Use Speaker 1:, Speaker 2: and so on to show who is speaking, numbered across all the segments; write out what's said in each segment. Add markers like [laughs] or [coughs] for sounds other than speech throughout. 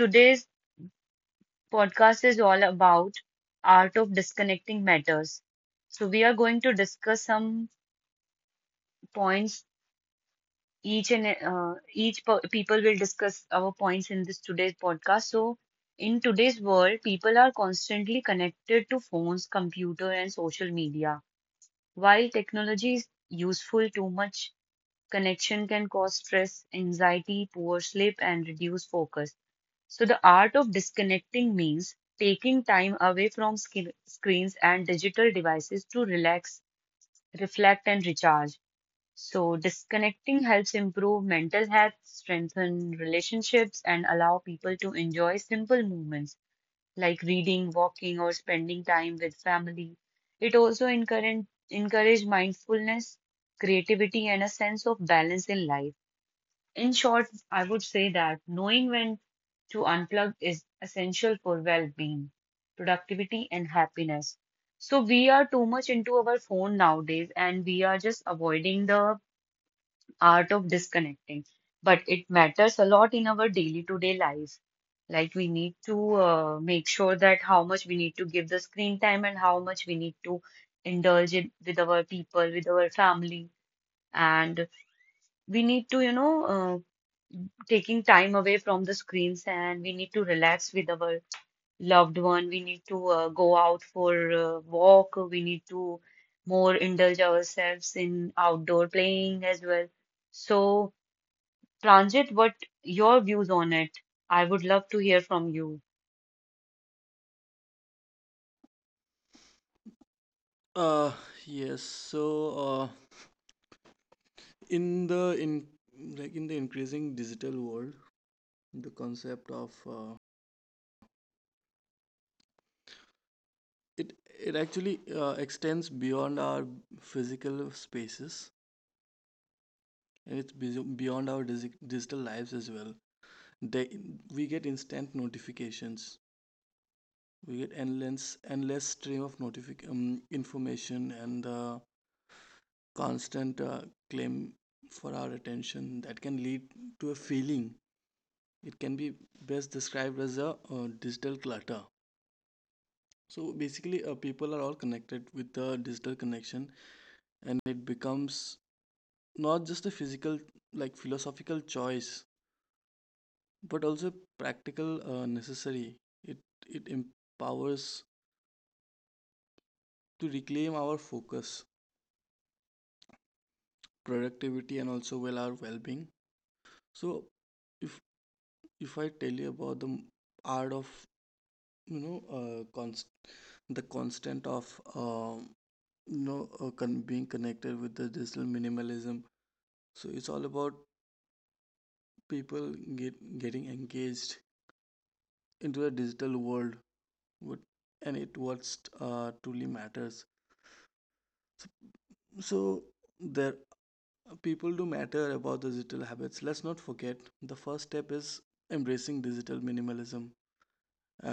Speaker 1: Today's podcast is all about art of disconnecting matters. So we are going to discuss some points. Each per people will discuss our points in this today's podcast. So in today's world, people are constantly connected to phones, computer, and social media. While technology is useful, too much connection can cause stress, anxiety, poor sleep, and reduced focus. So, the art of disconnecting means taking time away from screens and digital devices to relax, reflect, and recharge. So, disconnecting helps improve mental health, strengthen relationships, and allow people to enjoy simple moments like reading, walking, or spending time with family. It also encourage mindfulness, creativity, and a sense of balance in life. In short, I would say that knowing when to unplug is essential for well being, productivity, and happiness. So, we are too much into our phone nowadays and we are just avoiding the art of disconnecting. But it matters a lot in our daily to day life. Like, we need to make sure that how much we need to give the screen time and how much we need to indulge it with our people, with our family. And we need to, taking time away from the screens and we need to relax with our loved one. We need to go out for a walk. We need to more indulge ourselves in outdoor playing as well. So, Transit, what your views on it? I would love to hear from you.
Speaker 2: Uh, yes. So, uh, in the in in the increasing digital world, the concept of it it actually extends beyond our physical spaces and it's beyond our digital lives as well. They we get instant notifications. We get endless stream of notific information and the constant claim for our attention that can lead to a feeling it can be best described as a digital clutter. So basically people are all connected with the digital connection and it becomes not just a physical like philosophical choice but also practical necessary. It it empowers to reclaim our focus, productivity, and also well, our well-being. So if if I tell you about the art of you know uh, const- the constant of um being connected with the digital minimalism, so it's all about people getting engaged into the digital world what and it what's truly matters. So there, people do matter about the digital habits. Let's not forget the first step is embracing digital minimalism,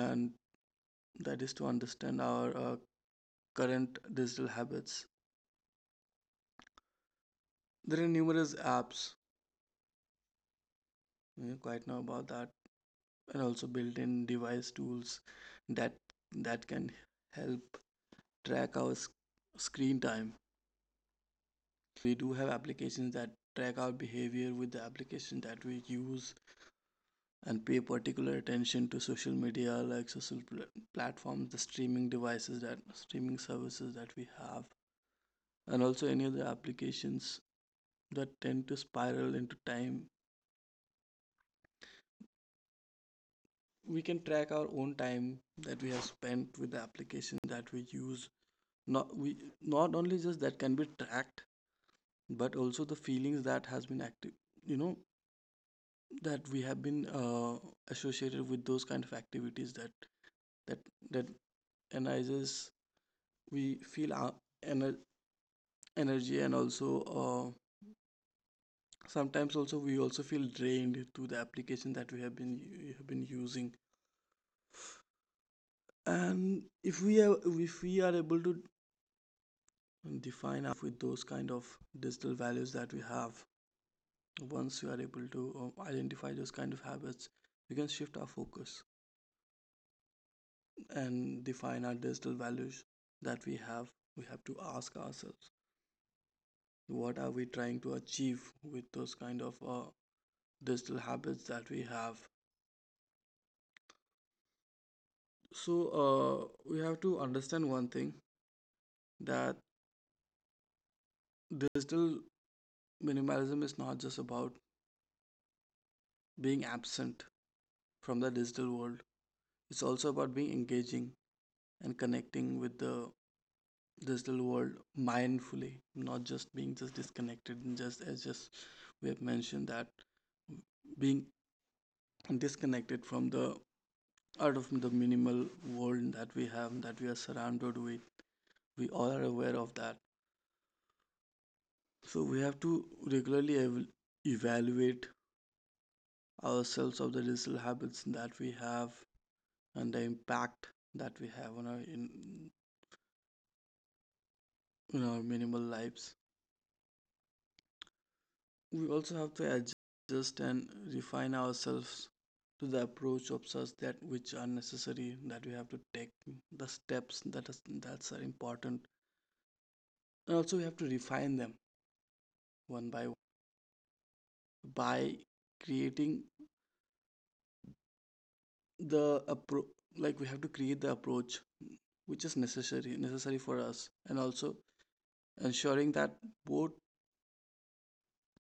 Speaker 2: and that is to understand our current digital habits. There are numerous apps, you know, quite know about that, and also built-in device tools that can help track our screen time. We do have applications that track our behavior with the application that we use, and pay particular attention to social media like social platforms, the streaming services that we have, and also any other applications that tend to spiral into time. We can track our own time that we have spent with the application that we use. Not we not only just that can be tracked but also the feelings that has been active, you know, that we have been associated with those kind of activities that that that energizes. We feel our ener- energy, and also uh, sometimes also we also feel drained to the application that we have been using. And if we are able to define with those kind of digital values that we have, once you are able to identify those kind of habits, we can shift our focus and define our digital values that we have. We have to ask ourselves what are we trying to achieve with those kind of digital habits that we have. So we have to understand one thing, that digital minimalism is not just about being absent from the digital world. It's also about being engaging and connecting with the this little world mindfully, not just being just disconnected, and just as just we have mentioned that being disconnected from the out of the minimal world that we have, that we are surrounded with. We all are aware of that. So we have to regularly evaluate ourselves of the digital habits that we have and the impact that we have on our in our minimal lives. We also have to adjust and refine ourselves to the approach of such that which are necessary, that we have to take the steps that is that's are important, and also we have to refine them one by creating the appro- like we have to create the approach which is necessary for us, and also ensuring that both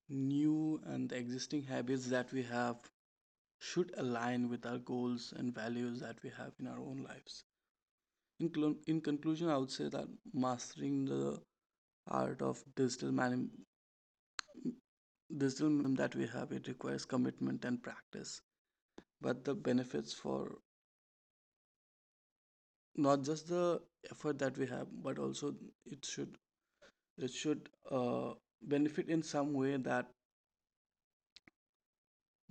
Speaker 2: new and the existing habits that we have should align with our goals and values that we have in our own lives. In conclusion, I would say that mastering the art of digital that we have, it requires commitment and practice. But the benefits for not just the effort that we have, but also it should it should benefit in some way that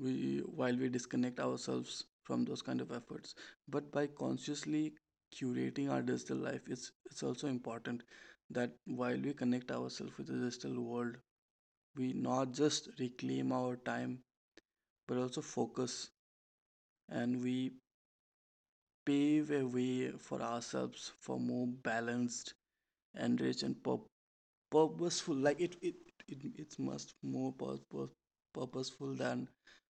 Speaker 2: we while we disconnect ourselves from those kind of efforts. But by consciously curating our digital life, it's also important that while we connect ourselves with the digital world, we not just reclaim our time but also focus, and we pave a way for ourselves for more balanced, enriched, and purposeful, like it's much more purposeful than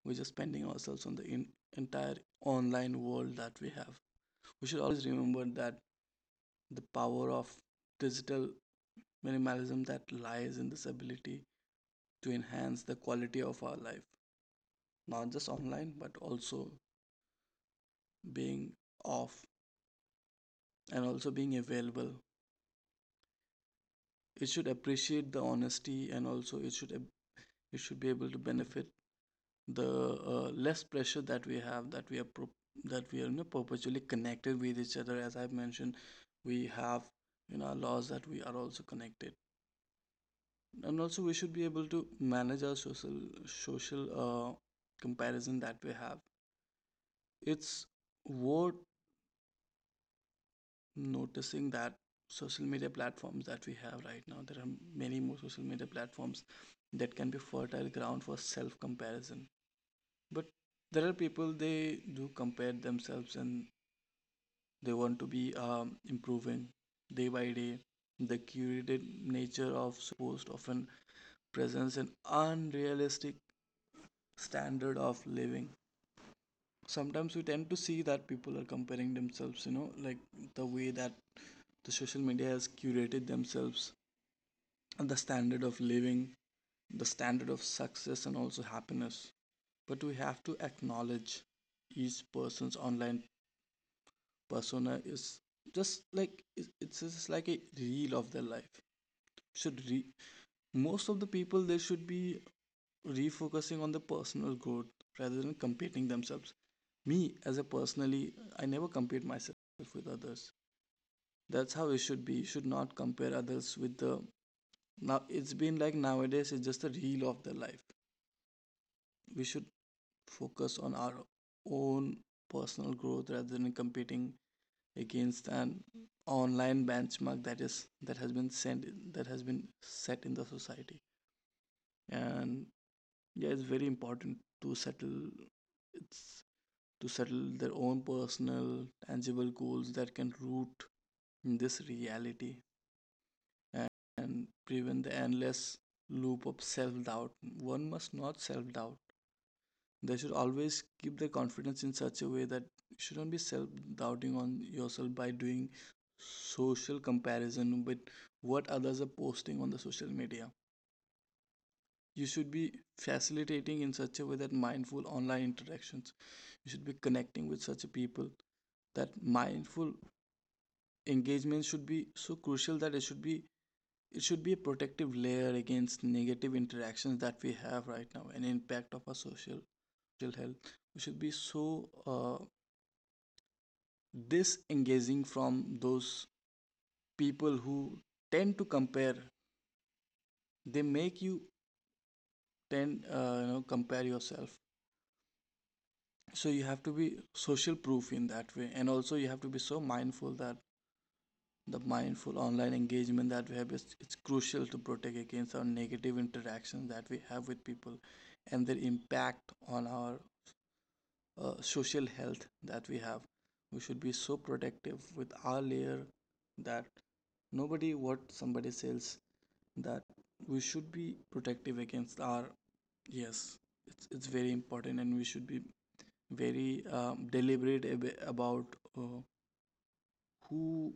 Speaker 2: we're just spending ourselves on the entire online world that we have. We should always remember that the power of digital minimalism that lies in this ability to enhance the quality of our life not just online but also being off, and also being available. It should appreciate the honesty, and also it should it should be able to benefit the less pressure that we have, that we are that we are, you know, perpetually connected with each other. As I've mentioned, we have in our laws that we are also connected, and also we should be able to manage our social comparison that we have. It's worth noticing that social media platforms that we have right now, there are many more social media platforms that can be fertile ground for self comparison. But there are people, they do compare themselves and they want to be improving day by day. The curated nature of post often presents an unrealistic standard of living. Sometimes we tend to see that people are comparing themselves, you know, like the way that the social media has curated themselves, the standard of living, the standard of success, and also happiness. But we have to acknowledge each person's online persona is just like a reel of their life. Should re- Most of the people, they should be refocusing on the personal growth rather than competing themselves. Me as a personally, I never compete myself with others. That's how it should be. You should not compare others with the now. It's been like nowadays, it's just a reel of their life. We should focus on our own personal growth rather than competing against an online benchmark that is that has been sent that has been set in the society. And yeah, it's very important to settle, it's to settle their own personal tangible goals that can root in this reality and prevent the endless loop of self doubt. One must not self doubt. They should always keep their confidence in such a way that you shouldn't be self doubting on yourself by doing social comparison with what others are posting on the social media. You should be facilitating in such a way that mindful online interactions. You should be connecting with such people that mindful engagement should be so crucial that it should be a protective layer against negative interactions that we have right now and impact of our social health. We should be so disengaging from those people who tend to compare, they make you tend you know compare yourself. So you have to be social proof in that way, and also you have to be so mindful that the mindful online engagement that we have is, it's crucial to protect against our negative interactions that we have with people and their impact on our social health that we have. We should be so protective with our layer that nobody what somebody says, that we should be protective against our. Yes, it's very important, and we should be very deliberate about uh, who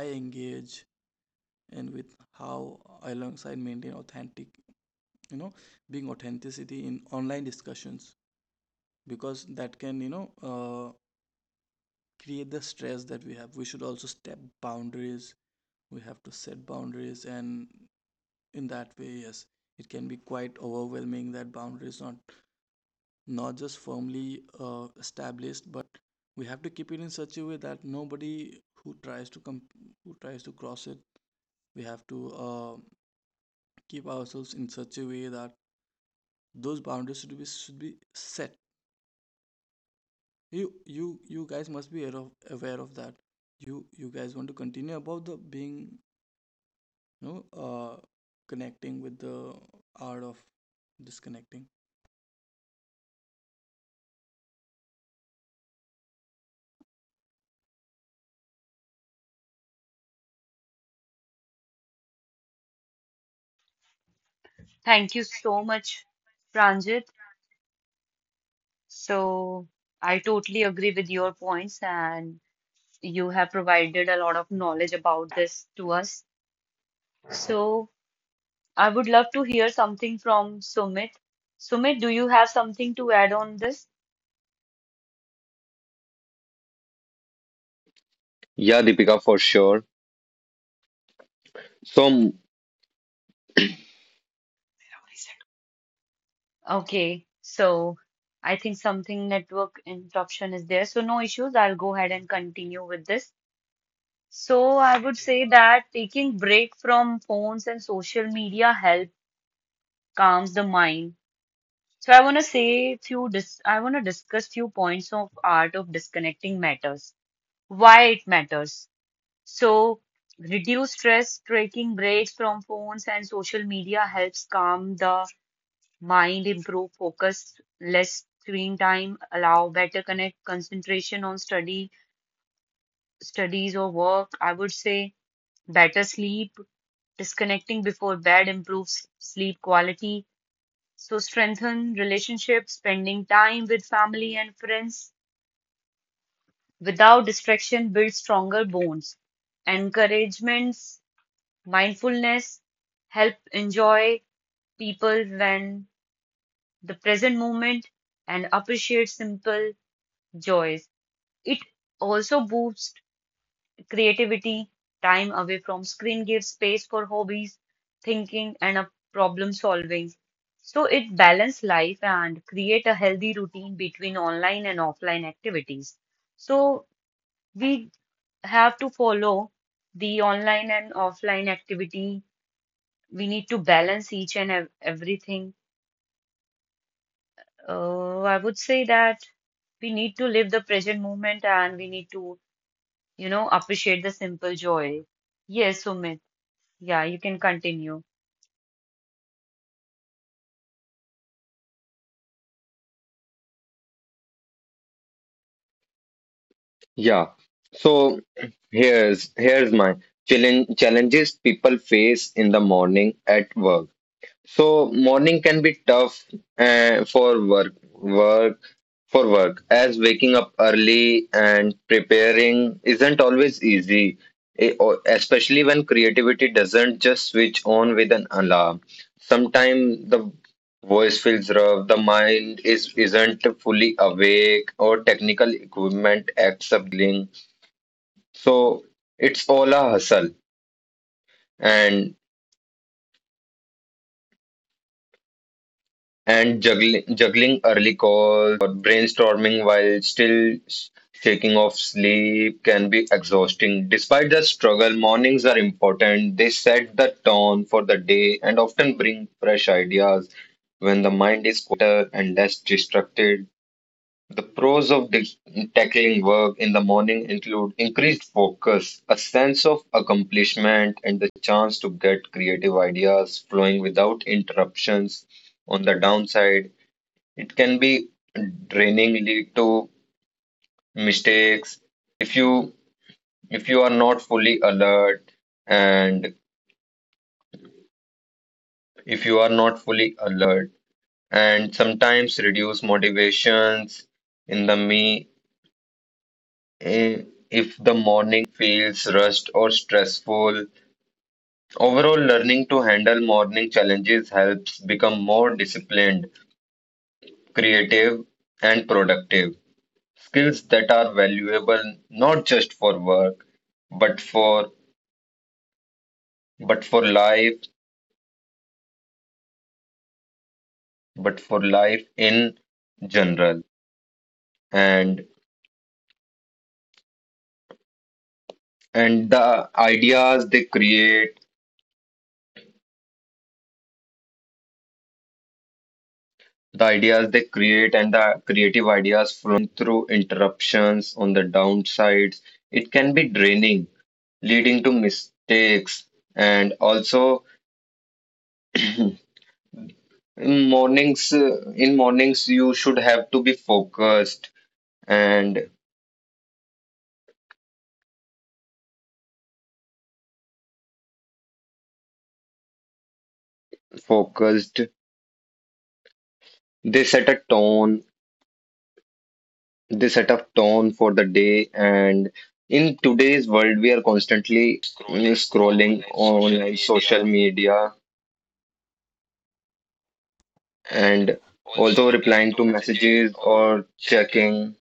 Speaker 2: I engage and with how I alongside maintain authentic, you know, being authenticity in online discussions, because that can, you know, create the stress that we have. We should also step boundaries. We have to set boundaries, and in that way, yes, it can be quite overwhelming that boundaries not just firmly established, but we have to keep it in such a way that nobody who tries to come who tries to cross it, we have to keep ourselves in such a way that those boundaries should be set. You guys must be aware of that. You guys want to continue about the being, you know, connecting with the art of disconnecting
Speaker 1: Thank you so much, Pranjit. So I totally agree with your points, and you have provided a lot of knowledge about this to us. So I would love to hear something from Sumit. Sumit, do you have something to add on this?
Speaker 3: Yeah, Deepika, for sure. So,
Speaker 1: Okay, so I think something network interruption is there. So no issues. I'll go ahead and continue with this. So I would say that taking break from phones and social media help calms the mind. So I want to say few dis I want to discuss few points of art of disconnecting matters, why it matters. So reduce stress, taking breaks from phones and social media helps calm the mind, improve focus, less screen time, allow better connect concentration on studies or work. I would say better sleep, disconnecting before bed improves sleep quality. So strengthen relationships, spending time with family and friends without distraction builds stronger bonds. Encouragements, mindfulness help enjoy people when the present moment and appreciate simple joys. It also boosts creativity, time away from screen gives space for hobbies, thinking, and a problem solving. So it balance life and create a healthy routine between online and offline activities. So we have to follow the online and offline activity. We need to balance each and everything. I would say that we need to live the present moment and we need to, you know, appreciate the simple joy. Yes, Sumit. Yeah, you can continue.
Speaker 3: yeah. So here's my challenges people face in the morning at work. So morning can be tough for work work, as waking up early and preparing isn't always easy, especially when creativity doesn't just switch on with an alarm. Sometimes the voice feels rough, the mind is isn't fully awake, or technical equipment acts up juggling. So it's all a hustle, and juggling early calls brainstorming while still shaking off sleep can be exhausting. Despite the struggle, mornings are important. They set the tone for the day and often bring fresh ideas. When the mind is quieter and less distracted, the pros of this tackling work in the morning include increased focus, a sense of accomplishment, and the chance to get creative ideas flowing without interruptions. On the downside, it can be draining, lead to mistakes if you if you are not fully alert and if you are not fully alert and sometimes reduce motivations in the eh, if the morning feels rushed or stressful. Overall, learning to handle morning challenges helps become more disciplined, creative, and productive. Skills that are valuable not just for work, but for life, but for life in general. And and the ideas they create and the creative ideas flowing through interruptions on the downsides, it can be draining, leading to mistakes. And also, in mornings, you should have to be focused and focused. They set a tone, they set a tone for the day. And in today's world, we are constantly
Speaker 2: scrolling
Speaker 3: scrolling
Speaker 2: online social
Speaker 3: online
Speaker 2: media
Speaker 3: social media
Speaker 2: and
Speaker 3: and
Speaker 2: also
Speaker 3: also
Speaker 2: replying
Speaker 3: replying
Speaker 2: to
Speaker 3: to
Speaker 2: messages
Speaker 3: messages
Speaker 2: or
Speaker 3: or
Speaker 2: checking.
Speaker 3: checking.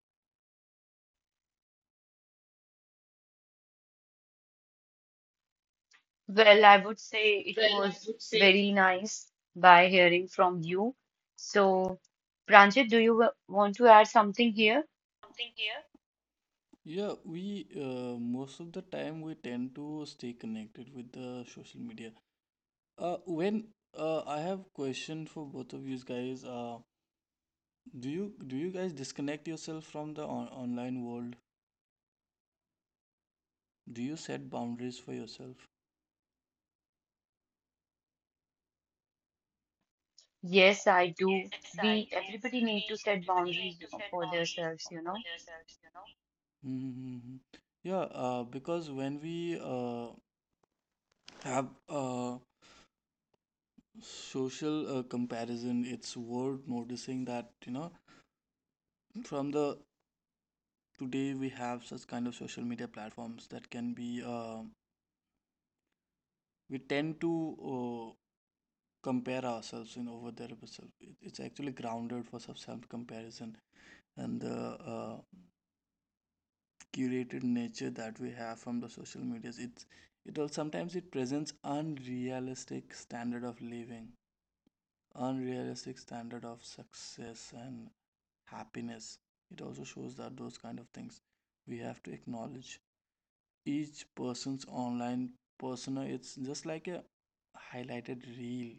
Speaker 1: Well, I would say it was very nice by hearing from you. So, Pranjit, do you want to add something here?
Speaker 2: Yeah, we most of the time we tend to stay connected with the social media. When I have question for both of you guys. Do you guys disconnect yourself from the on online world? Do you set boundaries for yourself?
Speaker 1: Yes, I do. We everybody need to set boundaries for themselves, you know.
Speaker 2: Mm-hmm. Yeah, because when we have social comparison, it's worth noticing that, you know, from the today we have such kind of social media platforms that can be we tend to compare ourselves in over there itself. It's actually grounded for some self comparison, and the uh, curated nature that we have from the social medias, it's it all sometimes it presents unrealistic standard of living, unrealistic standard of success and happiness. It also shows that those kind of things we have to acknowledge. Each person's online persona, it's just like a highlighted reel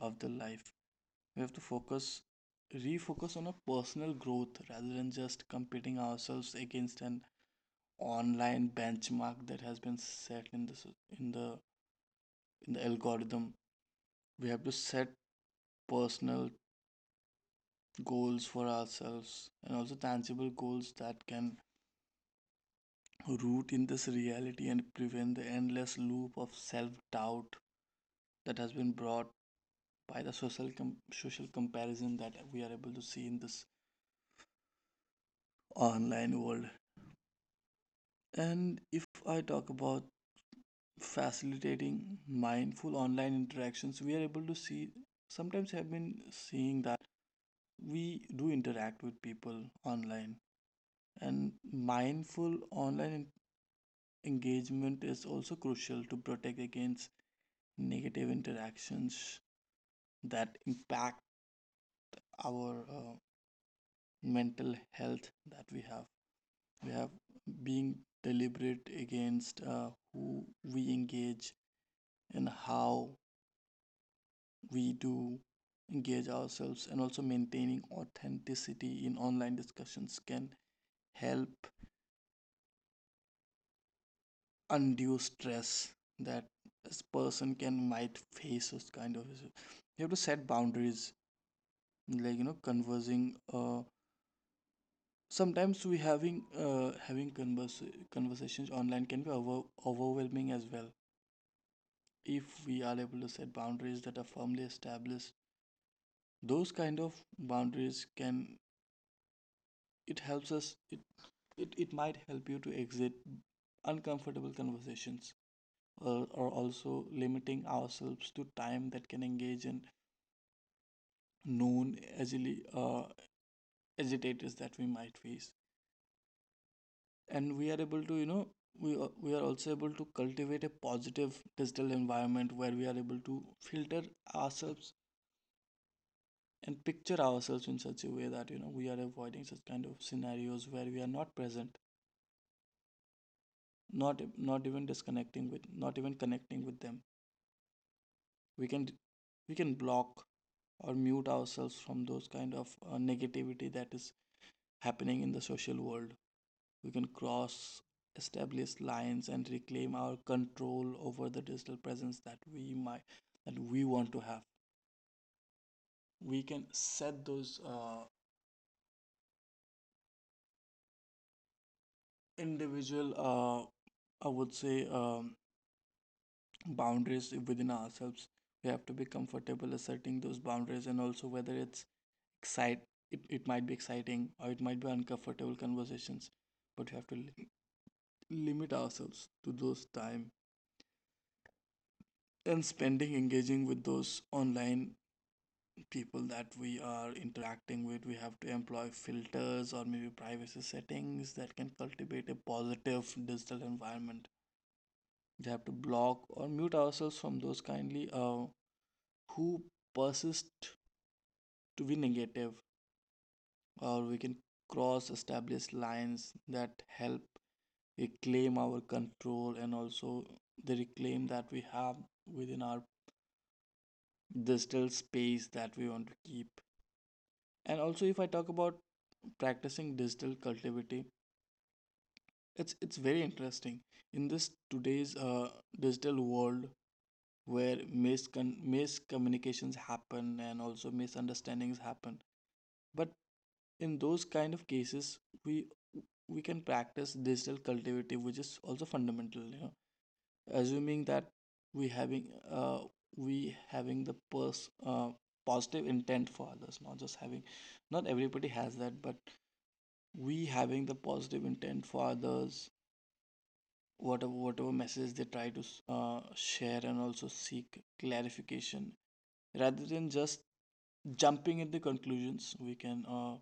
Speaker 2: of the life. We have to focus, refocus on a personal growth rather than just competing ourselves against an online benchmark that has been set in in the the algorithm. We have to set personal goals for ourselves and also tangible goals that can root in this reality and prevent the endless loop of self doubt that has been brought by the social comparison that we are able to see in this online world. And if I talk about facilitating mindful online interactions, we are able to see, sometimes have been seeing, that we do interact with people online, and mindful online engagement is also crucial to protect against negative interactions that impact our mental health that we have. We have being deliberate against who we engage and how we do engage ourselves, and also maintaining authenticity in online discussions can help undue stress that this person can might face this kind of issue. You have to set boundaries, like conversing, sometimes we having having conversations online can be overwhelming as well. If we are able to set boundaries that are firmly established, those kind of boundaries can, it helps us, it might help you to exit uncomfortable conversations, or also limiting ourselves to time that can engage in known agili- uh, agitators that we might face. And we are able to, we are also able to cultivate a positive digital environment where we are able to filter ourselves and picture ourselves in such a way that we are avoiding such kind of scenarios where we are not present, not even disconnecting with, not even connecting with them. We can we can block or mute ourselves from those kind of negativity that is happening in the social world. We can cross established lines and reclaim our control over the digital presence that we might that we want to have. We can set those individual I would say boundaries within ourselves. We have to be comfortable asserting those boundaries, and also whether excite it might be exciting or it might be uncomfortable conversations, but we have to limit ourselves to those time and spending engaging with those online people that we are interacting with. We have to employ filters or maybe privacy settings that can cultivate a positive digital environment. We have to block or mute ourselves from those kindly who persist to be negative, or we can cross established lines that help reclaim our control, and also the reclaim that we have within our digital space that we want to keep. And also, if I talk about practicing digital cultivity, it's very interesting in this today's digital world where miscommunications happen and also misunderstandings happen. But in those kind of cases, we we can practice digital cultivity, which is also fundamental. You know, assuming that we having uh we having the pers positive intent for others, not just having. Not everybody has that, but we having the positive intent for others, whatever message they try to share, and also seek clarification rather than just jumping at the conclusions. We can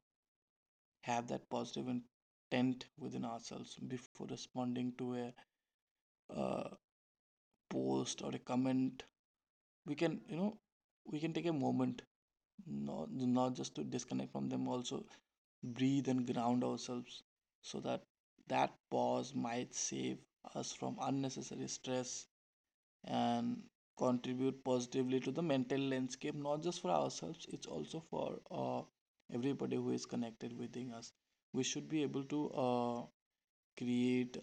Speaker 2: have that positive intent within ourselves before responding to a uh, post or a comment. We can, you know, we can take a moment, not just to disconnect from them, also breathe and ground ourselves, so that that pause might save us from unnecessary stress and contribute positively to the mental landscape, not just for ourselves, it's also for everybody who is connected within us. We should be able to create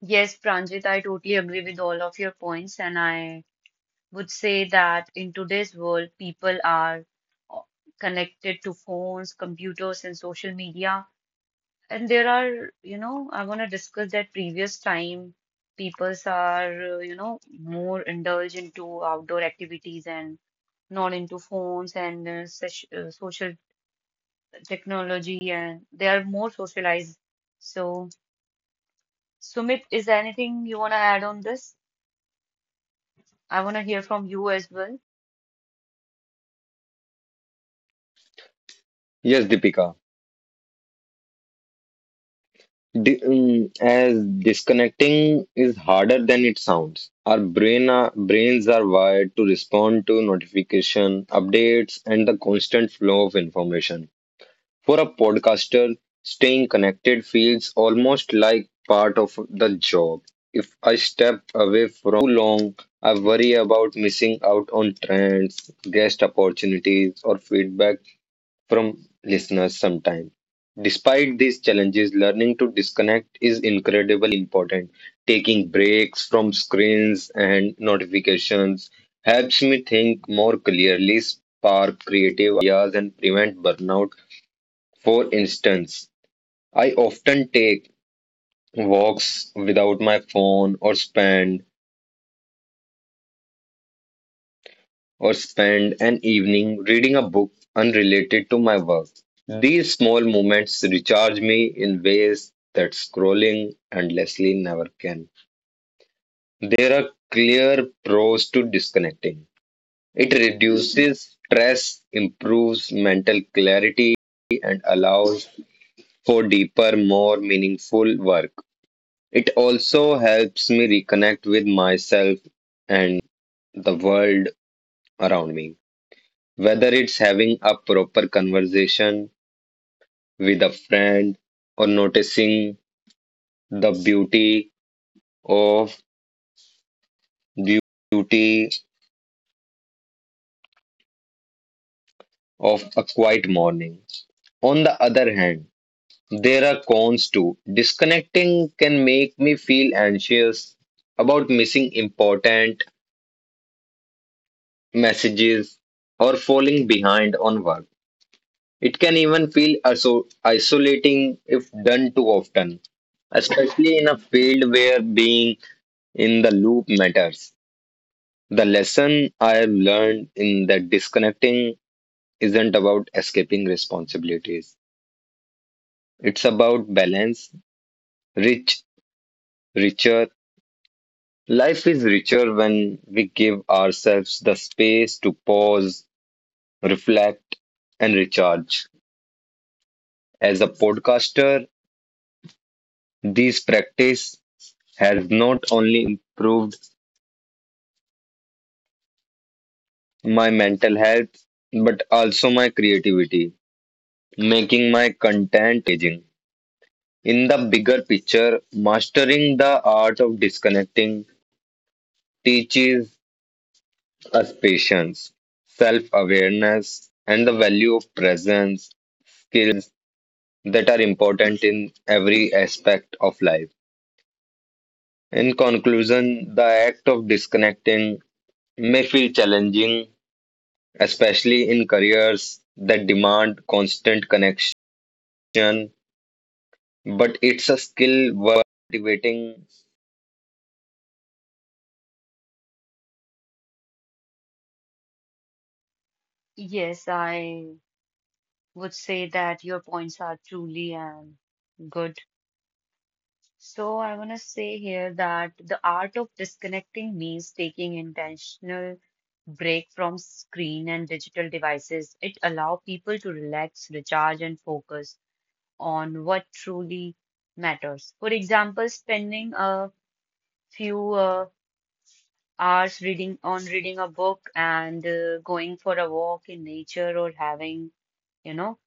Speaker 1: Yes, Pranjit, I totally agree with all of your points, and I would say that in today's world, people are uh, connected to phones, computers, and social media. And there are, you know, I want to discuss that previous time peoples are, you know, more indulged into outdoor activities and not into phones and such, social technology, and they are more socialized. So, Sumit, is there anything you want to add on this? I want to hear from you as well.
Speaker 3: Yes, Deepika. Di As disconnecting is harder than it sounds. Brains are wired to respond to notification, updates, and the constant flow of information. For a podcaster, staying connected feels almost like part of the job. If I step away from long, I worry about missing out on trends, guest opportunities, or feedback from listeners sometime. Despite these challenges, learning to disconnect is incredibly important. Taking breaks from screens and notifications helps me think more clearly, spark creative ideas, and prevent burnout. For instance, I often take walks without my phone or spend an evening reading a book unrelated to my work. These small moments recharge me in ways that scrolling endlessly never can. There are clear pros to disconnecting. It reduces stress, improves mental clarity, and allows for deeper, more meaningful work. It also helps me reconnect with myself and the world around me. Whether it's having a proper conversation with a friend or noticing the of beauty of a quiet morning. On the other hand, there are cons too. Disconnecting can make me feel anxious about missing important messages or falling behind on work. It can even feel isolating if done too often, especially in a field where being in the loop matters. The lesson I've learned in that disconnecting isn't about escaping responsibilities. It's about balance, rich, richer. Life is richer when we give ourselves the space to pause, reflect, and recharge. As a podcaster, this practice has not only improved my mental health but also my creativity making my content engaging. In the bigger picture, mastering the art of disconnecting teaches us patience, self awareness, and the value of presence, skills that are important in every aspect of life. In conclusion, the act of disconnecting may feel challenging, especially in careers that demand constant connection. But it's a skill worth cultivating.
Speaker 1: Yes, I would say that your points are truly good. So I want to say here that the art of disconnecting means taking intentional break from screen and digital devices. It allows people to relax, recharge, and focus on what truly matters. For example, spending a few hours reading a book and going for a walk in nature or having, you know,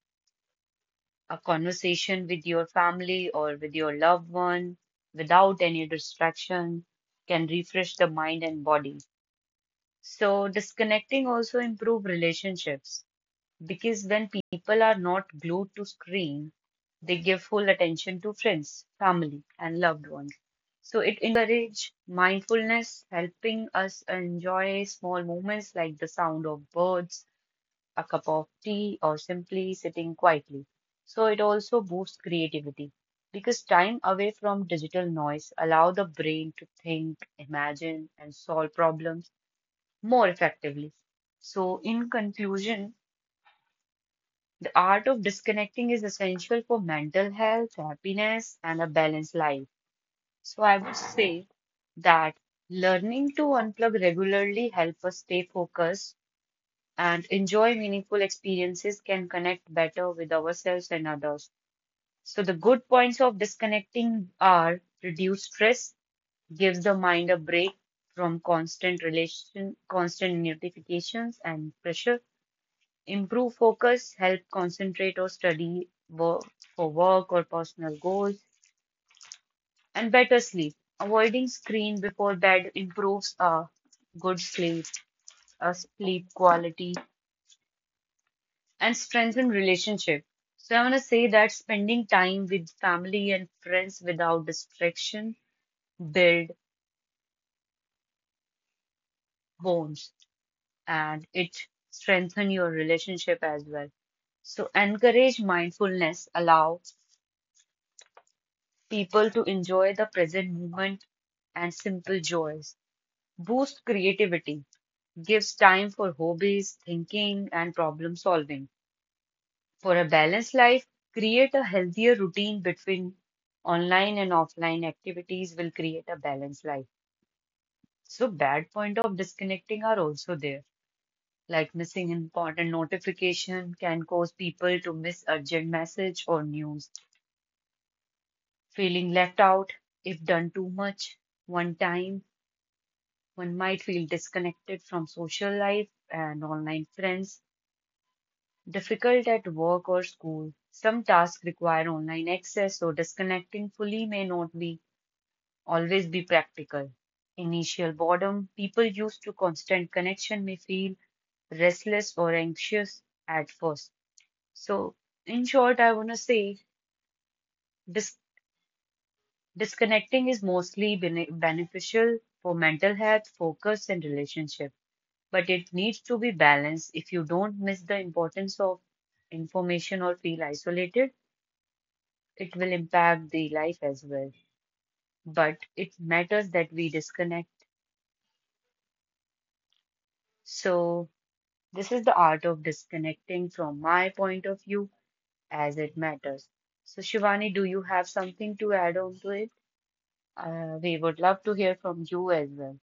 Speaker 1: a conversation with your family or with your loved one without any distraction can refresh the mind and body. So disconnecting also improve relationships because when people are not glued to screen, they give full attention to friends, family, and loved ones. So it encourage mindfulness, helping us enjoy small moments like the sound of birds, a cup of tea, or simply sitting quietly. So it also boosts creativity because time away from digital noise allow the brain to think, imagine, and solve problems more effectively. So in conclusion, the art of disconnecting is essential for mental health, happiness, and a balanced life. So I would say that learning to unplug regularly help us stay focused and enjoy meaningful experiences can connect better with ourselves and others. So, the good points of disconnecting are reduce stress, gives the mind a break from constant notifications and pressure, improve focus, help concentrate or study work, for work or personal goals, and better sleep. Avoiding screen before bed improves good uh, sleep quality, and strengthen relationship. So I want to say that spending time with family and friends without distraction build bonds and it strengthen your relationship as well. So encourage mindfulness, allow people to enjoy the present moment and simple joys. Boost creativity, gives time for hobbies, thinking and problem solving. For a balanced life, create a healthier routine between online and offline activities will create a balanced life. So bad point of disconnecting are also there. Like missing important notification can cause people to miss urgent message or news. Feeling left out if done too much one time, one might feel disconnected from social life and online friends. Difficult at work or school. Some tasks require online access, so disconnecting fully may not be always be practical. Initial boredom. People used to constant connection may feel restless or anxious at first. So, in short, I want to say dis- disconnecting is mostly beneficial for mental health, focus, and relationship, but it needs to be balanced if you don't miss the importance of information or feel isolated. It will impact the life as well. But it matters that we disconnect. So, this is the art of disconnecting from my point of view as it matters. So, Shivani, do you have something to add on to it? We would love to hear from you as well.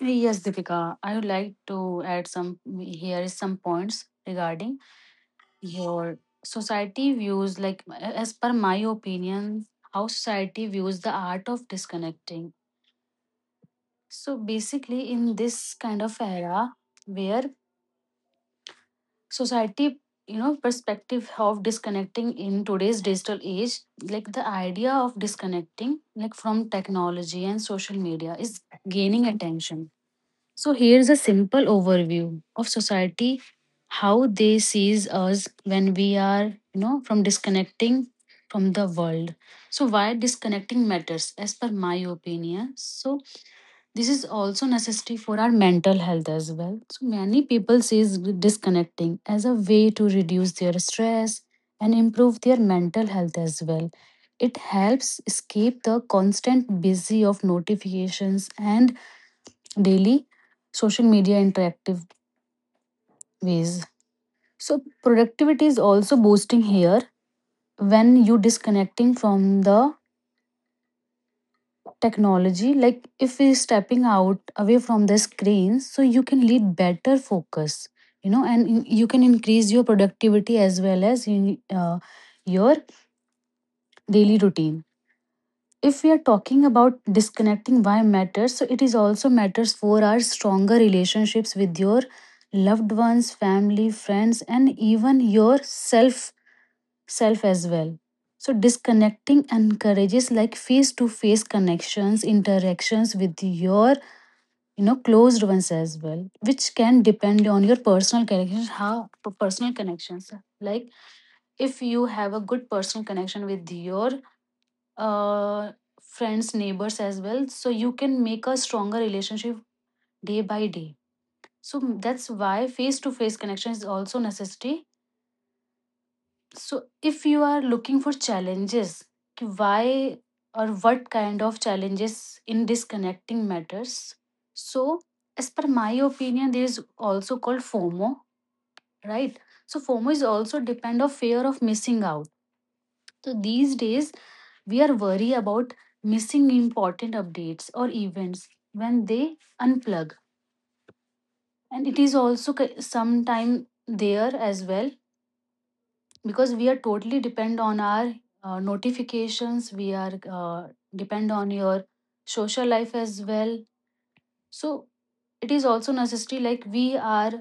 Speaker 4: Yes, Deepika, I would like to add some. Here is some points regarding your society views. Like, as per my opinion, how society views the art of disconnecting. So basically, in this kind of era where society, perspective of disconnecting in today's digital age, like the idea of disconnecting, like from technology and social media, is gaining attention. So here's a simple overview of society, how they sees us when we are, from disconnecting from the world. So why disconnecting matters, as per my opinion. So this is also necessary for our mental health as well. So many people sees disconnecting as a way to reduce their stress and improve their mental health as well. It helps escape the constant busy of notifications and daily social media interactive ways. So productivity is also boosting here when you disconnecting from the technology. Like if we stepping out away from the screens, so you can lead better focus, you can increase your productivity as well as in your daily routine. If we are talking about disconnecting why matters, so it is also matters for our stronger relationships with your loved ones, family, friends, and even your self as well. So disconnecting encourages, like, face to face connections, interactions with your, you know, closed ones as well, which can depend on your personal connections. How personal connections, like if you have a good personal connection with your uh, friends, neighbors as well. So you can make a stronger relationship day by day. So that's why face to face connection is also necessity. So if you are looking for challenges, कि why or what kind of challenges in disconnecting matters. So as per my opinion, there is also called FOMO, right? So FOMO is also depend of fear of missing out. So these days, we are worried about missing important updates or events when they unplug. And it is also sometime there as well, because we are totally depend on our notifications. We are depend on your social life as well. So it is also necessary, like we are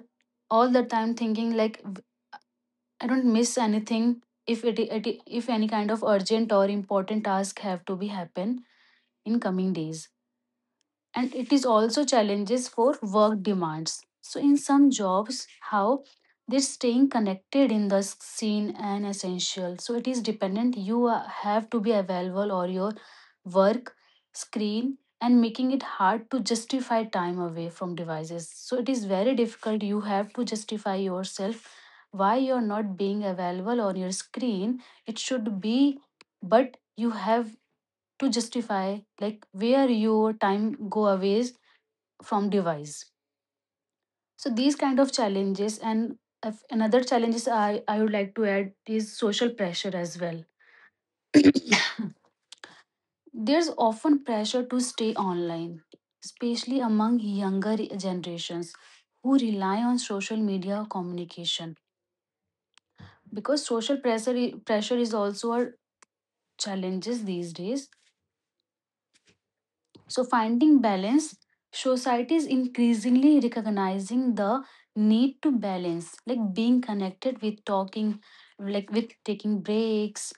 Speaker 4: all the time thinking like I don't miss anything if it, it if any kind of urgent or important task have to be happen in coming days. And it is also challenges for work demands. So in some jobs, how this staying connected in the scene and essential. So it is dependent. You have to be available or your work screen and making it hard to justify time away from devices. So it is very difficult. You have to justify yourself why you're not being available on your screen. It should be, but you have to justify like where your time go away from device. So these kind of challenges, and another challenges I would like to add is social pressure as well. [coughs] There's often pressure to stay online, especially among younger generations who rely on social media communication. Because social pressure is also a challenges these days. So, finding balance, society is increasingly recognizing the need to balance, like being connected with talking, like with taking breaks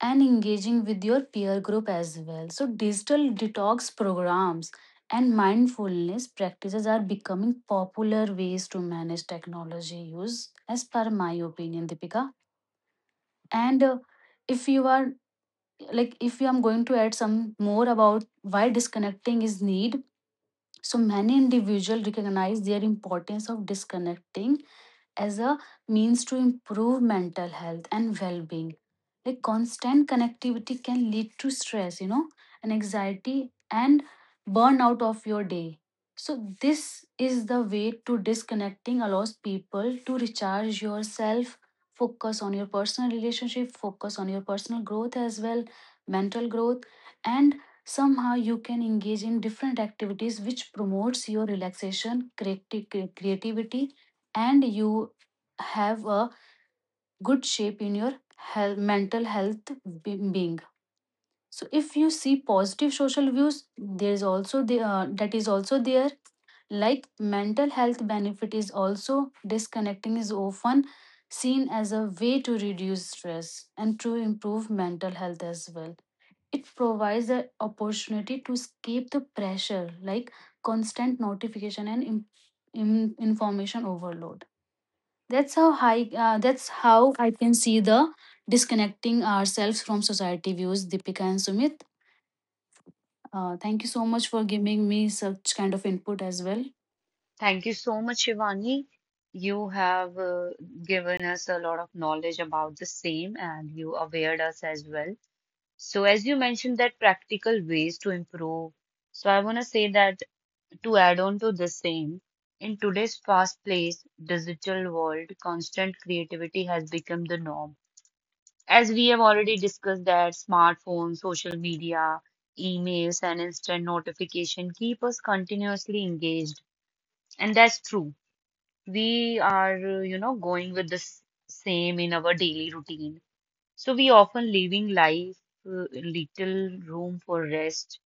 Speaker 4: and engaging with your peer group as well. So, digital detox programs and mindfulness practices are becoming popular ways to manage technology use, as per my opinion, Deepika. And if you are like, if you am going to add some more about why disconnecting is need, so many individuals recognize their importance of disconnecting as a means to improve mental health and well-being. Like constant connectivity can lead to stress, you know, and anxiety and burnout of your day. So this is the way to disconnecting allows people to recharge yourself, focus on your personal relationship, focus on your personal growth as well, mental growth, and somehow you can engage in different activities which promotes your relaxation, creativity, and you have a good shape in your health, mental health being. So if you see positive social views, there is also the that is also there, like mental health benefit is also. Disconnecting is often seen as a way to reduce stress and to improve mental health as well. It provides the opportunity to escape the pressure, like constant notification and information overload. That's how high. That's how I can see the disconnecting ourselves from society views. Deepika and Sumit, thank you so much for giving me such kind of input as well.
Speaker 1: Thank you so much, Shivani. You have given us a lot of knowledge about the same and you awared us as well. So, as you mentioned, that practical ways to improve. So, I want to say that to add on to the same, in today's fast-paced digital world, constant creativity has become the norm. As we have already discussed that smartphones, social media, emails, and instant notification keep us continuously engaged. And that's true. We are, you know, going with the same in our daily routine. So we often leaving life little room for rest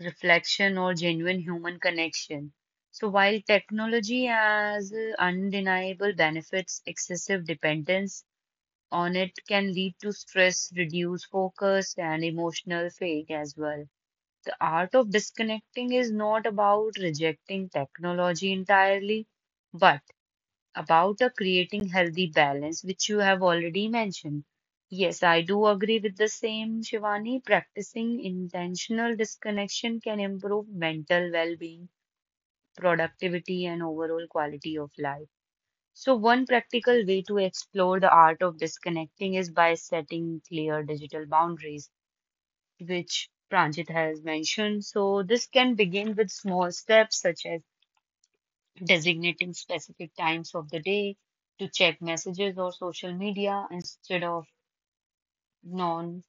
Speaker 1: reflection, or genuine human connection. So, while technology has undeniable benefits, excessive dependence on it can lead to stress, reduced focus, and emotional fatigue as well. The art of disconnecting is not about rejecting technology entirely, but about creating healthy balance, which you have already mentioned. Yes, I do agree with the same, Shivani. Practicing intentional disconnection can improve mental well being, productivity, and overall quality of life. So, one practical way to explore the art of disconnecting is by setting clear digital boundaries, which Pranjit has mentioned. So, this can begin with small steps such as designating specific times of the day to check messages or social media instead of non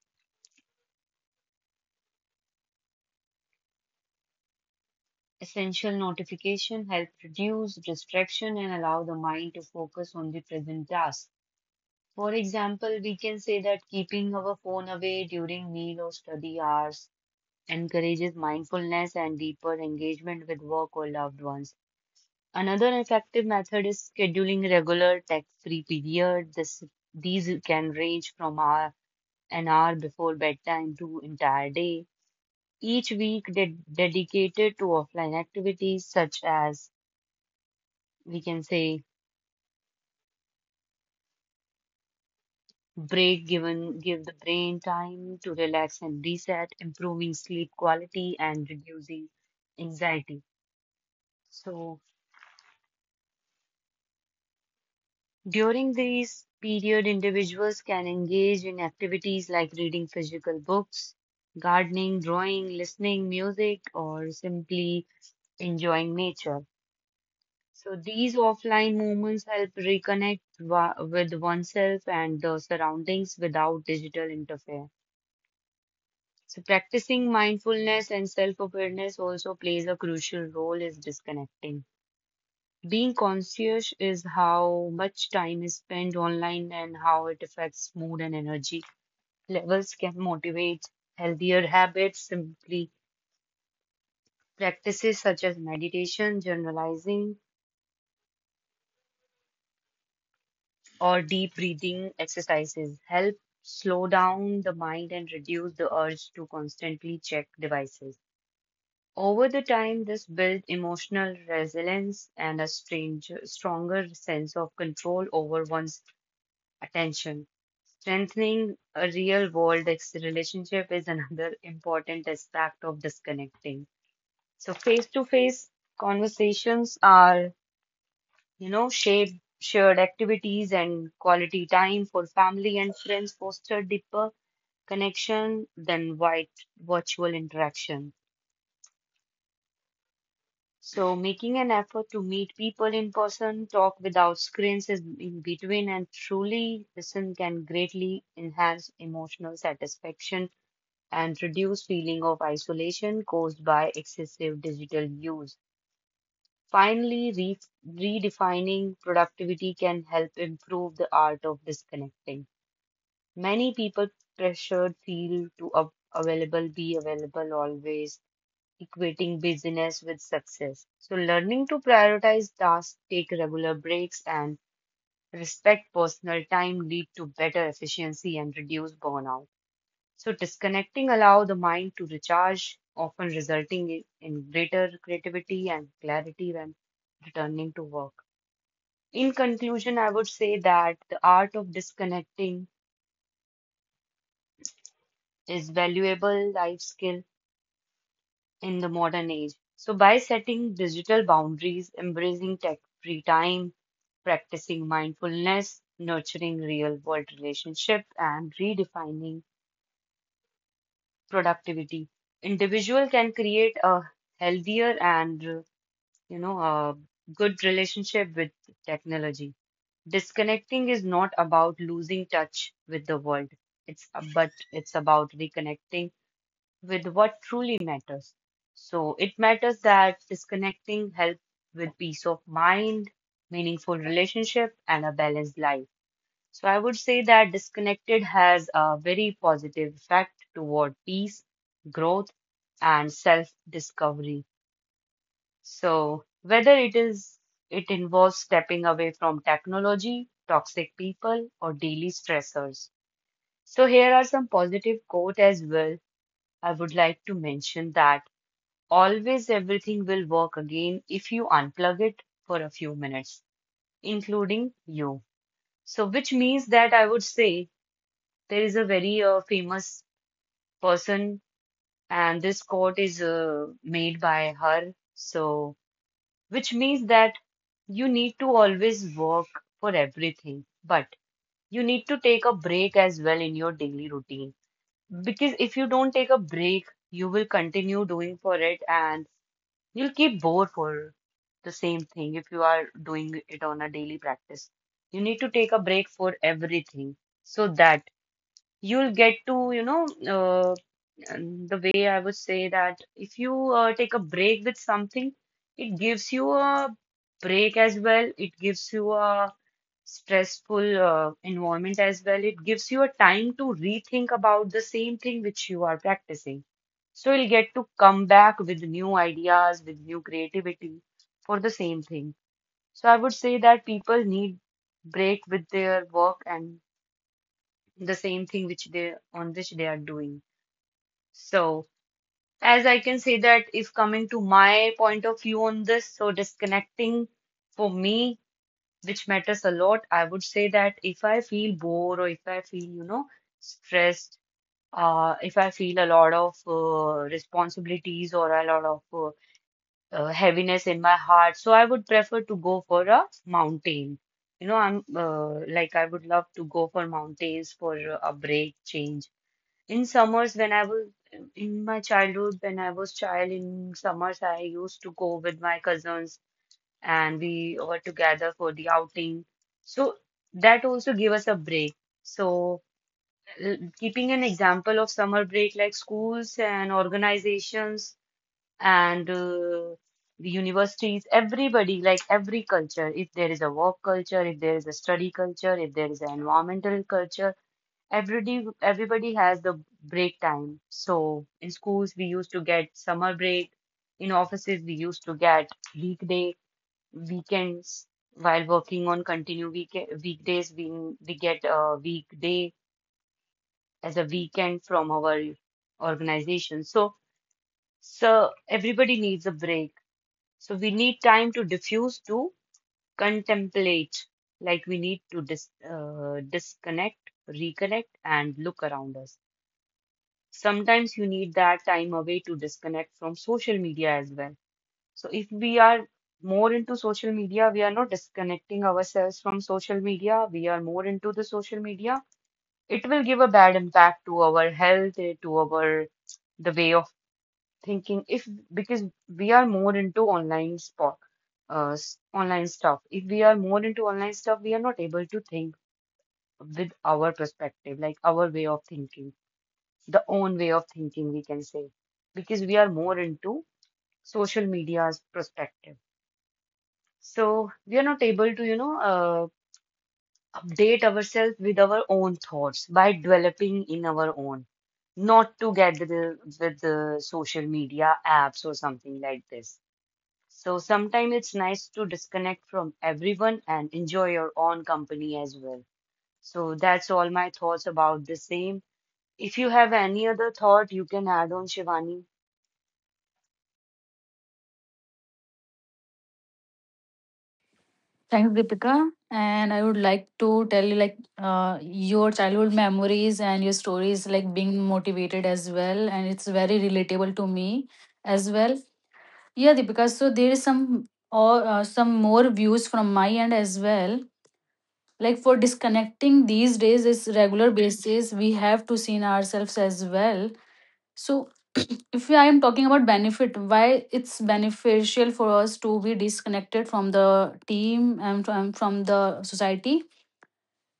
Speaker 1: essential notification help reduce distraction and allow the mind to focus on the present task. For example, we can say that keeping our phone away during meal or study hours encourages mindfulness and deeper engagement with work or loved ones. Another effective method is scheduling regular tech free period. This These can range from hours an hour before bedtime to entire day, each week dedicated to offline activities, such as we can say break given give the brain time to relax and reset, improving sleep quality and reducing anxiety. So during these period, individuals can engage in activities like reading physical books, gardening, drawing, listening music, or simply enjoying nature. So these offline moments help reconnect with oneself and the surroundings without digital interfere. So practicing mindfulness and self-awareness also plays a crucial role is disconnecting. Being conscious is how much time is spent online and how it affects mood and energy levels can motivate healthier habits simply practices such as meditation, generalizing or deep breathing exercises help slow down the mind and reduce the urge to constantly check devices. Over the time, this builds emotional resilience and a stronger sense of control over one's attention. Strengthening a real world relationship is [laughs] another important aspect of disconnecting. So, face to face conversations are you know, shared shared activities and quality time for family and friends foster deeper connection than white virtual interaction. So making an effort to meet people in person, talk without screens is in between, and truly listen can greatly enhance emotional satisfaction and reduce feeling of isolation caused by excessive digital use. Finally, redefining productivity can help improve the art of disconnecting. Many people pressured feel to be available always, equating busyness with success. So, learning to prioritize tasks, take regular breaks, and respect personal time lead to better efficiency and reduce burnout. So, disconnecting allow the mind to recharge, often resulting in greater creativity and clarity when returning to work. In conclusion, I would say that the art of disconnecting is valuable life skill in the modern age. So by setting digital boundaries, embracing tech-free time, practicing mindfulness, nurturing real-world relationships, and redefining productivity, individual can create a healthier and, you know, a good relationship with technology. Disconnecting is not about losing touch with the world. It's a- but it's about reconnecting with what truly matters. So it matters that disconnecting helps with peace of mind, meaningful relationship, and a balanced life. So I would say that disconnected has a very positive effect toward peace, growth, and self-discovery. So whether it involves stepping away from technology, toxic people, or daily stressors. So here are some positive quote as well. I would like to mention that always everything will work again if you unplug it for a few minutes, including you. So which means that I would say there is a very famous person and this quote is made by her. So which means that you need to always work for everything, but you need to take a break as well in your daily routine. Because if you don't take a break, you will continue doing for it and you'll keep bored for the same thing if you are doing it on a daily practice. You need to take a break for everything so that you'll get to, and the way I would say that if you take a break with something, it gives you a break as well. It gives you a stressful environment as well. It gives you a time to rethink about the same thing which you are practicing. So you'll get to come back with new ideas, with new creativity for the same thing. So I would say that people need break with their work and the same thing which they on which they are doing. So as I can say that if coming to my point of view on this, so disconnecting for me, which matters a lot, I would say that if I feel bored or if I feel, you know, stressed, if I feel a lot of responsibilities or a lot of heaviness in my heart, so I would prefer to go for a mountain. You know, I would love to go for mountains for a break, change. In summers, when I was in my childhood, when I was child in summers, I used to go with my cousins and we were together for the outing. So that also gave us a break. So keeping an example of summer break like schools and organizations and the universities, everybody, like every culture, if there is a work culture, if there is a study culture, if there is an environmental culture. Everybody, everybody has the break time. So in schools, we used to get summer break. In offices, we used to get weekday, weekends. While working on continue weekdays, we get a weekday as a weekend from our organization. So everybody needs a break. So we need time to diffuse, to contemplate. Like we need to disconnect, reconnect, and look around us. Sometimes you need that time away to disconnect from social media as well. So if we are more into social media, we are not disconnecting ourselves from social media. We are more into the social media. It will give a bad impact to our health, to our the way of thinking. If because we are more into online stuff. If we are more into online stuff, we are not able to think with our perspective, like our way of thinking the own way of thinking, we can say, because we are more into social media's perspective. So we are not able to, update ourselves with our own thoughts by developing in our own, not together with the social media apps or something like this. So sometimes it's nice to disconnect from everyone and enjoy your own company as well. So that's all my thoughts about the same. If you have any other thought, you can add on Shivani.
Speaker 4: Thanks, Deepika. And I would like to tell you, like, your childhood memories and your stories, like, being motivated as well. And it's very relatable to me as well. Yeah, Deepika. So there is some or some more views from my end as well. Like for disconnecting these days is regular basis. We have to see in ourselves as well. So [clears throat] if I am talking about benefit, why it's beneficial for us to be disconnected from the team and from the society.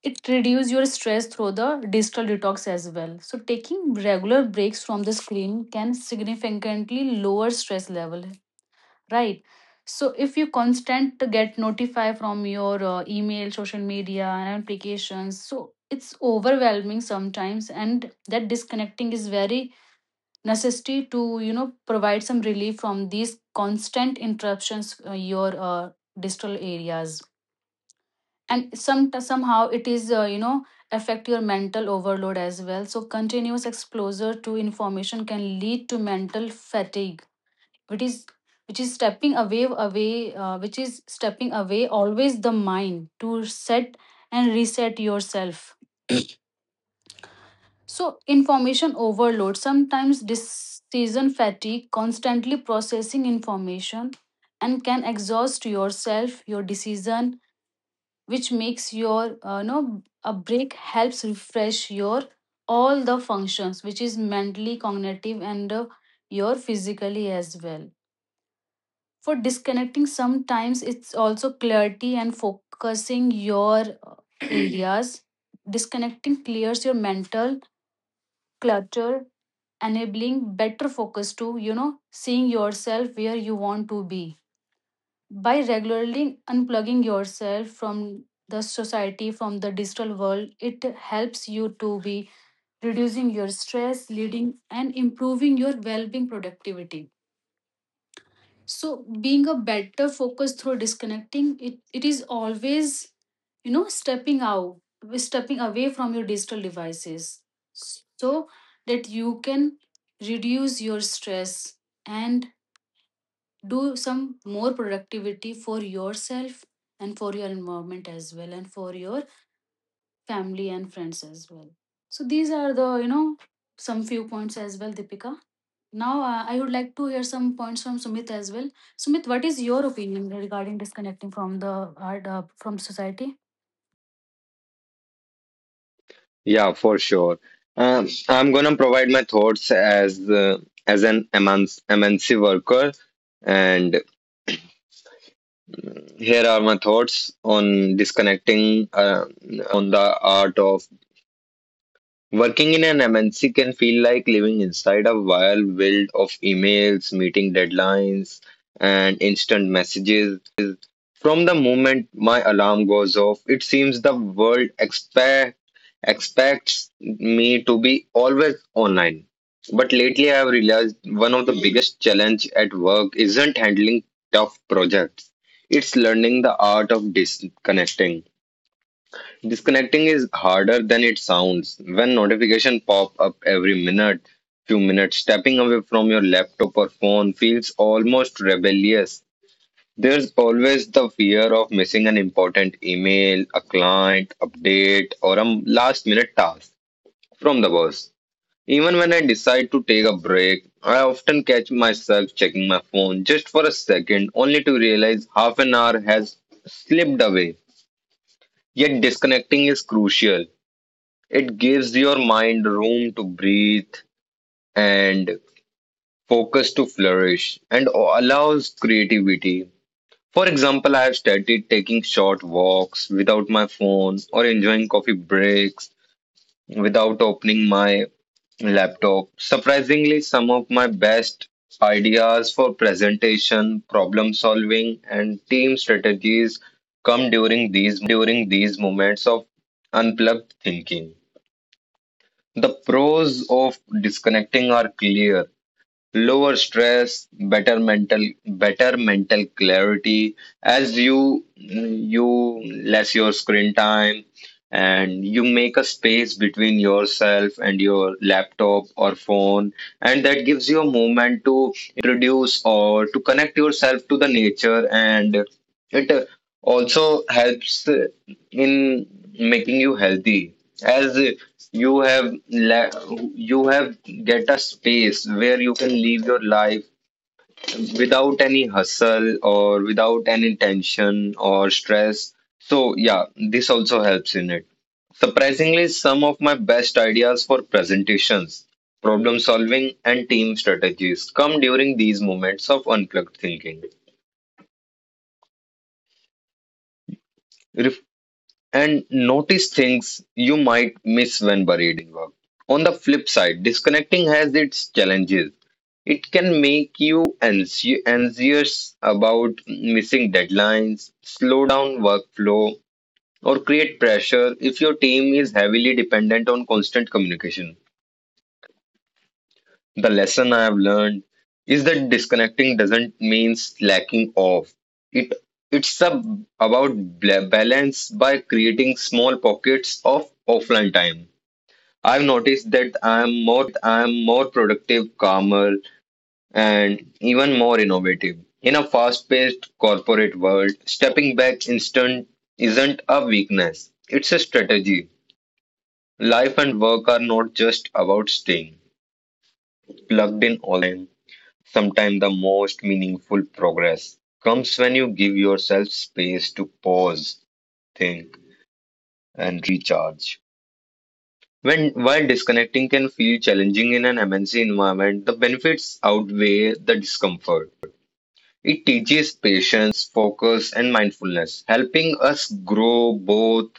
Speaker 4: It reduces your stress through the digital detox as well. So taking regular breaks from the screen can significantly lower stress level. Right, so if you constant to get notify from your email, social media, and applications, so it's overwhelming sometimes, and that disconnecting is very necessary to, you know, provide some relief from these constant interruptions, your digital areas. And somehow it is, you know, affect your mental overload as well. So continuous exposure to information can lead to mental fatigue, which is which is stepping away always the mind to set and reset yourself. So information overload sometimes, decision fatigue, constantly processing information, and can exhaust yourself your decision, which makes your no. A break helps refresh your all the functions, which is mentally cognitive and your physically as well. For disconnecting sometimes, it's also clarity and focusing your [clears throat] areas. Disconnecting clears your mental clutter, enabling better focus to, you know, seeing yourself where you want to be. By regularly unplugging yourself from the society, from the digital world, it helps you to be reducing your stress, leading and improving your well-being, productivity. So being a better focus through disconnecting, it is always, you know, stepping out, stepping away from your digital devices, so that you can reduce your stress and do some more productivity for yourself and for your environment as well, and for your family and friends as well. So these are the, you know, some few points as well, Deepika. Now I would like to hear some points from Sumit as well. Sumit, what is your opinion regarding disconnecting from the art from society?
Speaker 5: Yeah, for sure. I'm gonna provide my thoughts as as an MNC worker, and here are my thoughts on disconnecting on the art of working in an MNC can feel like living inside a wild world of emails, meeting deadlines, and instant messages. From the moment my alarm goes off, it seems the world expects me to be always online. But lately, I have realized one of the biggest challenge at work isn't handling tough projects. It's learning the art of disconnecting. Disconnecting is harder than it sounds. When notifications pop up every few minutes, stepping away from your laptop or phone feels almost rebellious. There's always the fear of missing an important email, a client update, or a last minute task from the boss. Even when I decide to take a break, I often catch myself checking my phone just for a second, only to realize half an hour has slipped away. Yet disconnecting is crucial. It gives your mind room to breathe and focus to flourish and allows creativity. For example, I have started taking short walks without my phone or enjoying coffee breaks without opening my laptop. Surprisingly, some of my best ideas for presentation, problem solving, and team strategies come during these moments of unplugged thinking. The pros of disconnecting are clear. Lower stress, better mental clarity as you less your screen time and you make a space between yourself and your laptop or phone, and that gives you a moment to introduce or to connect yourself to the nature, and it also helps in making you healthy, as you have la you have get a space where you can live your life without any hustle or without any tension or stress. So yeah, this also helps in it. Surprisingly, some of my best ideas for presentations, problem solving, and team strategies come during these moments of unplugged thinking and notice things you might miss when buried in work. On the flip side, disconnecting has its challenges. It can make you anxious about missing deadlines, slow down workflow, or create pressure if your team is heavily dependent on constant communication. The lesson I have learned is that disconnecting doesn't mean slacking off. It it's a, about balance by creating small pockets of offline time. I've noticed that I'm more productive, calmer, and even more innovative. In a fast-paced corporate world, stepping back instant isn't a weakness. It's a strategy. Life and work are not just about staying plugged in all the time. Sometimes the most meaningful progress comes when you give yourself space to pause, think, and recharge. When while disconnecting can feel challenging in an MNC environment, the benefits outweigh the discomfort. It teaches patience, focus, and mindfulness, helping us grow both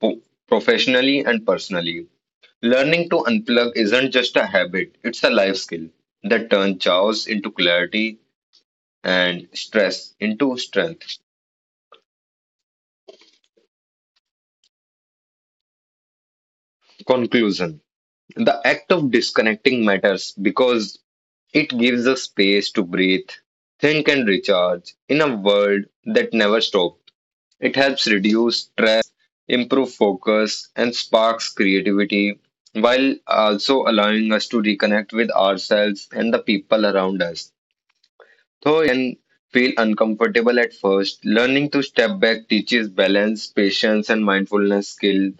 Speaker 5: po- professionally and personally. Learning to unplug isn't just a habit, it's a life skill that turns chaos into clarity and stress into strength. Conclusion: the act of disconnecting matters because it gives us space to breathe, think, and recharge in a world that never stops. It helps reduce stress, improve focus, and sparks creativity while also allowing us to reconnect with ourselves and the people around us. Though it can feel uncomfortable at first, learning to step back teaches balance, patience, and mindfulness skill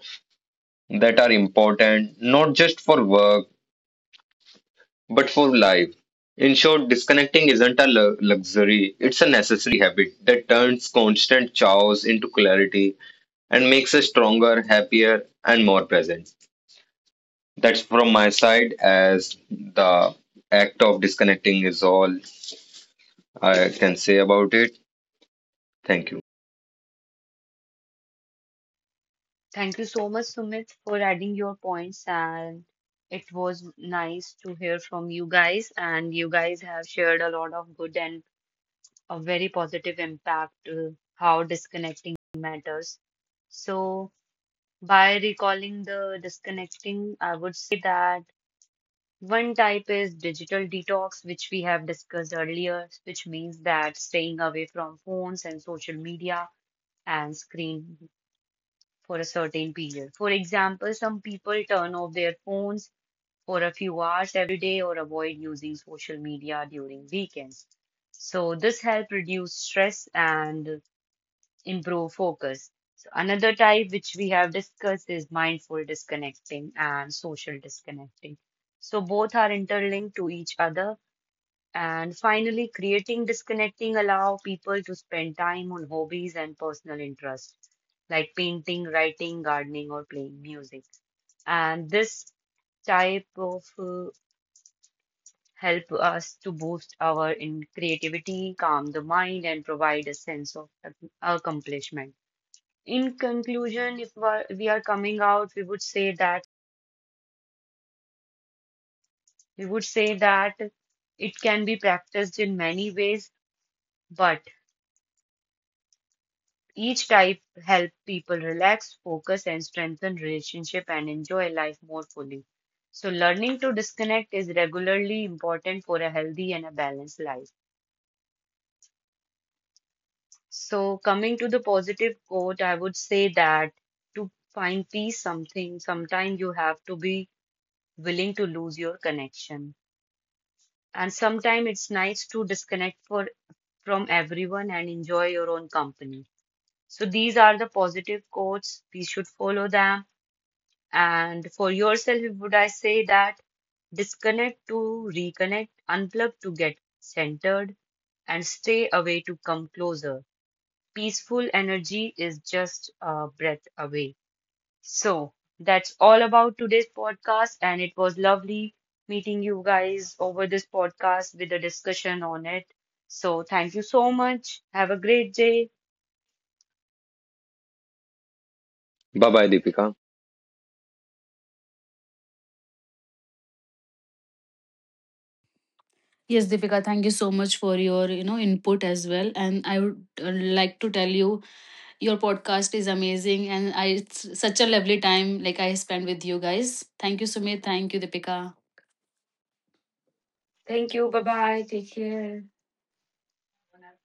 Speaker 5: that are important not just for work but for life. In short, disconnecting isn't a luxury, it's a necessary habit that turns constant chaos into clarity and makes us stronger, happier, and more present. That's from my side, as the act of disconnecting is all I can say about it. Thank you.
Speaker 1: Thank you so much, Sumit, for adding your points. And it was nice to hear from you guys. And you guys have shared a lot of good and a very positive impact how disconnecting matters. So, by recalling the disconnecting, I would say that one type is digital detox, which we have discussed earlier, which means that staying away from phones and social media and screen for a certain period. For example, some people turn off their phones for a few hours every day or avoid using social media during weekends. So this helps reduce stress and improve focus. So another type which we have discussed is mindful disconnecting and social disconnecting. So both are interlinked to each other and finally, creating disconnecting allow people to spend time on hobbies and personal interests like painting, writing, gardening, or playing music. And this type of help us to boost our in creativity, calm the mind, and provide a sense of accomplishment. In conclusion, if we are coming out, we would say that it can be practiced in many ways, but each type help people relax, focus, and strengthen relationship and enjoy life more fully. So learning to disconnect is regularly important for a healthy and a balanced life. So coming to the positive quote, I would say that to find peace sometimes you have to be willing to lose your connection. And sometimes it's nice to disconnect for from everyone and enjoy your own company. So these are the positive quotes. We should follow them. And for yourself, would I say that disconnect to reconnect, unplug to get centered, and stay away to come closer. Peaceful energy is just a breath away. So that's all about today's podcast, and it was lovely meeting you guys over this podcast with a discussion on it. So thank you so much. Have a great day.
Speaker 5: Bye bye, Deepika.
Speaker 4: Yes, Deepika, thank you so much for your, you know, input as well, and I would uh, like to tell you your podcast is amazing. And it's such a lovely time like I spent with you guys. Thank you, Sumit. Thank you, Deepika.
Speaker 1: Thank
Speaker 4: Thank
Speaker 1: you.
Speaker 4: you. Bye
Speaker 1: Bye bye.
Speaker 4: bye.
Speaker 1: Take
Speaker 4: Take
Speaker 1: care.
Speaker 4: care.
Speaker 1: Have a nice day.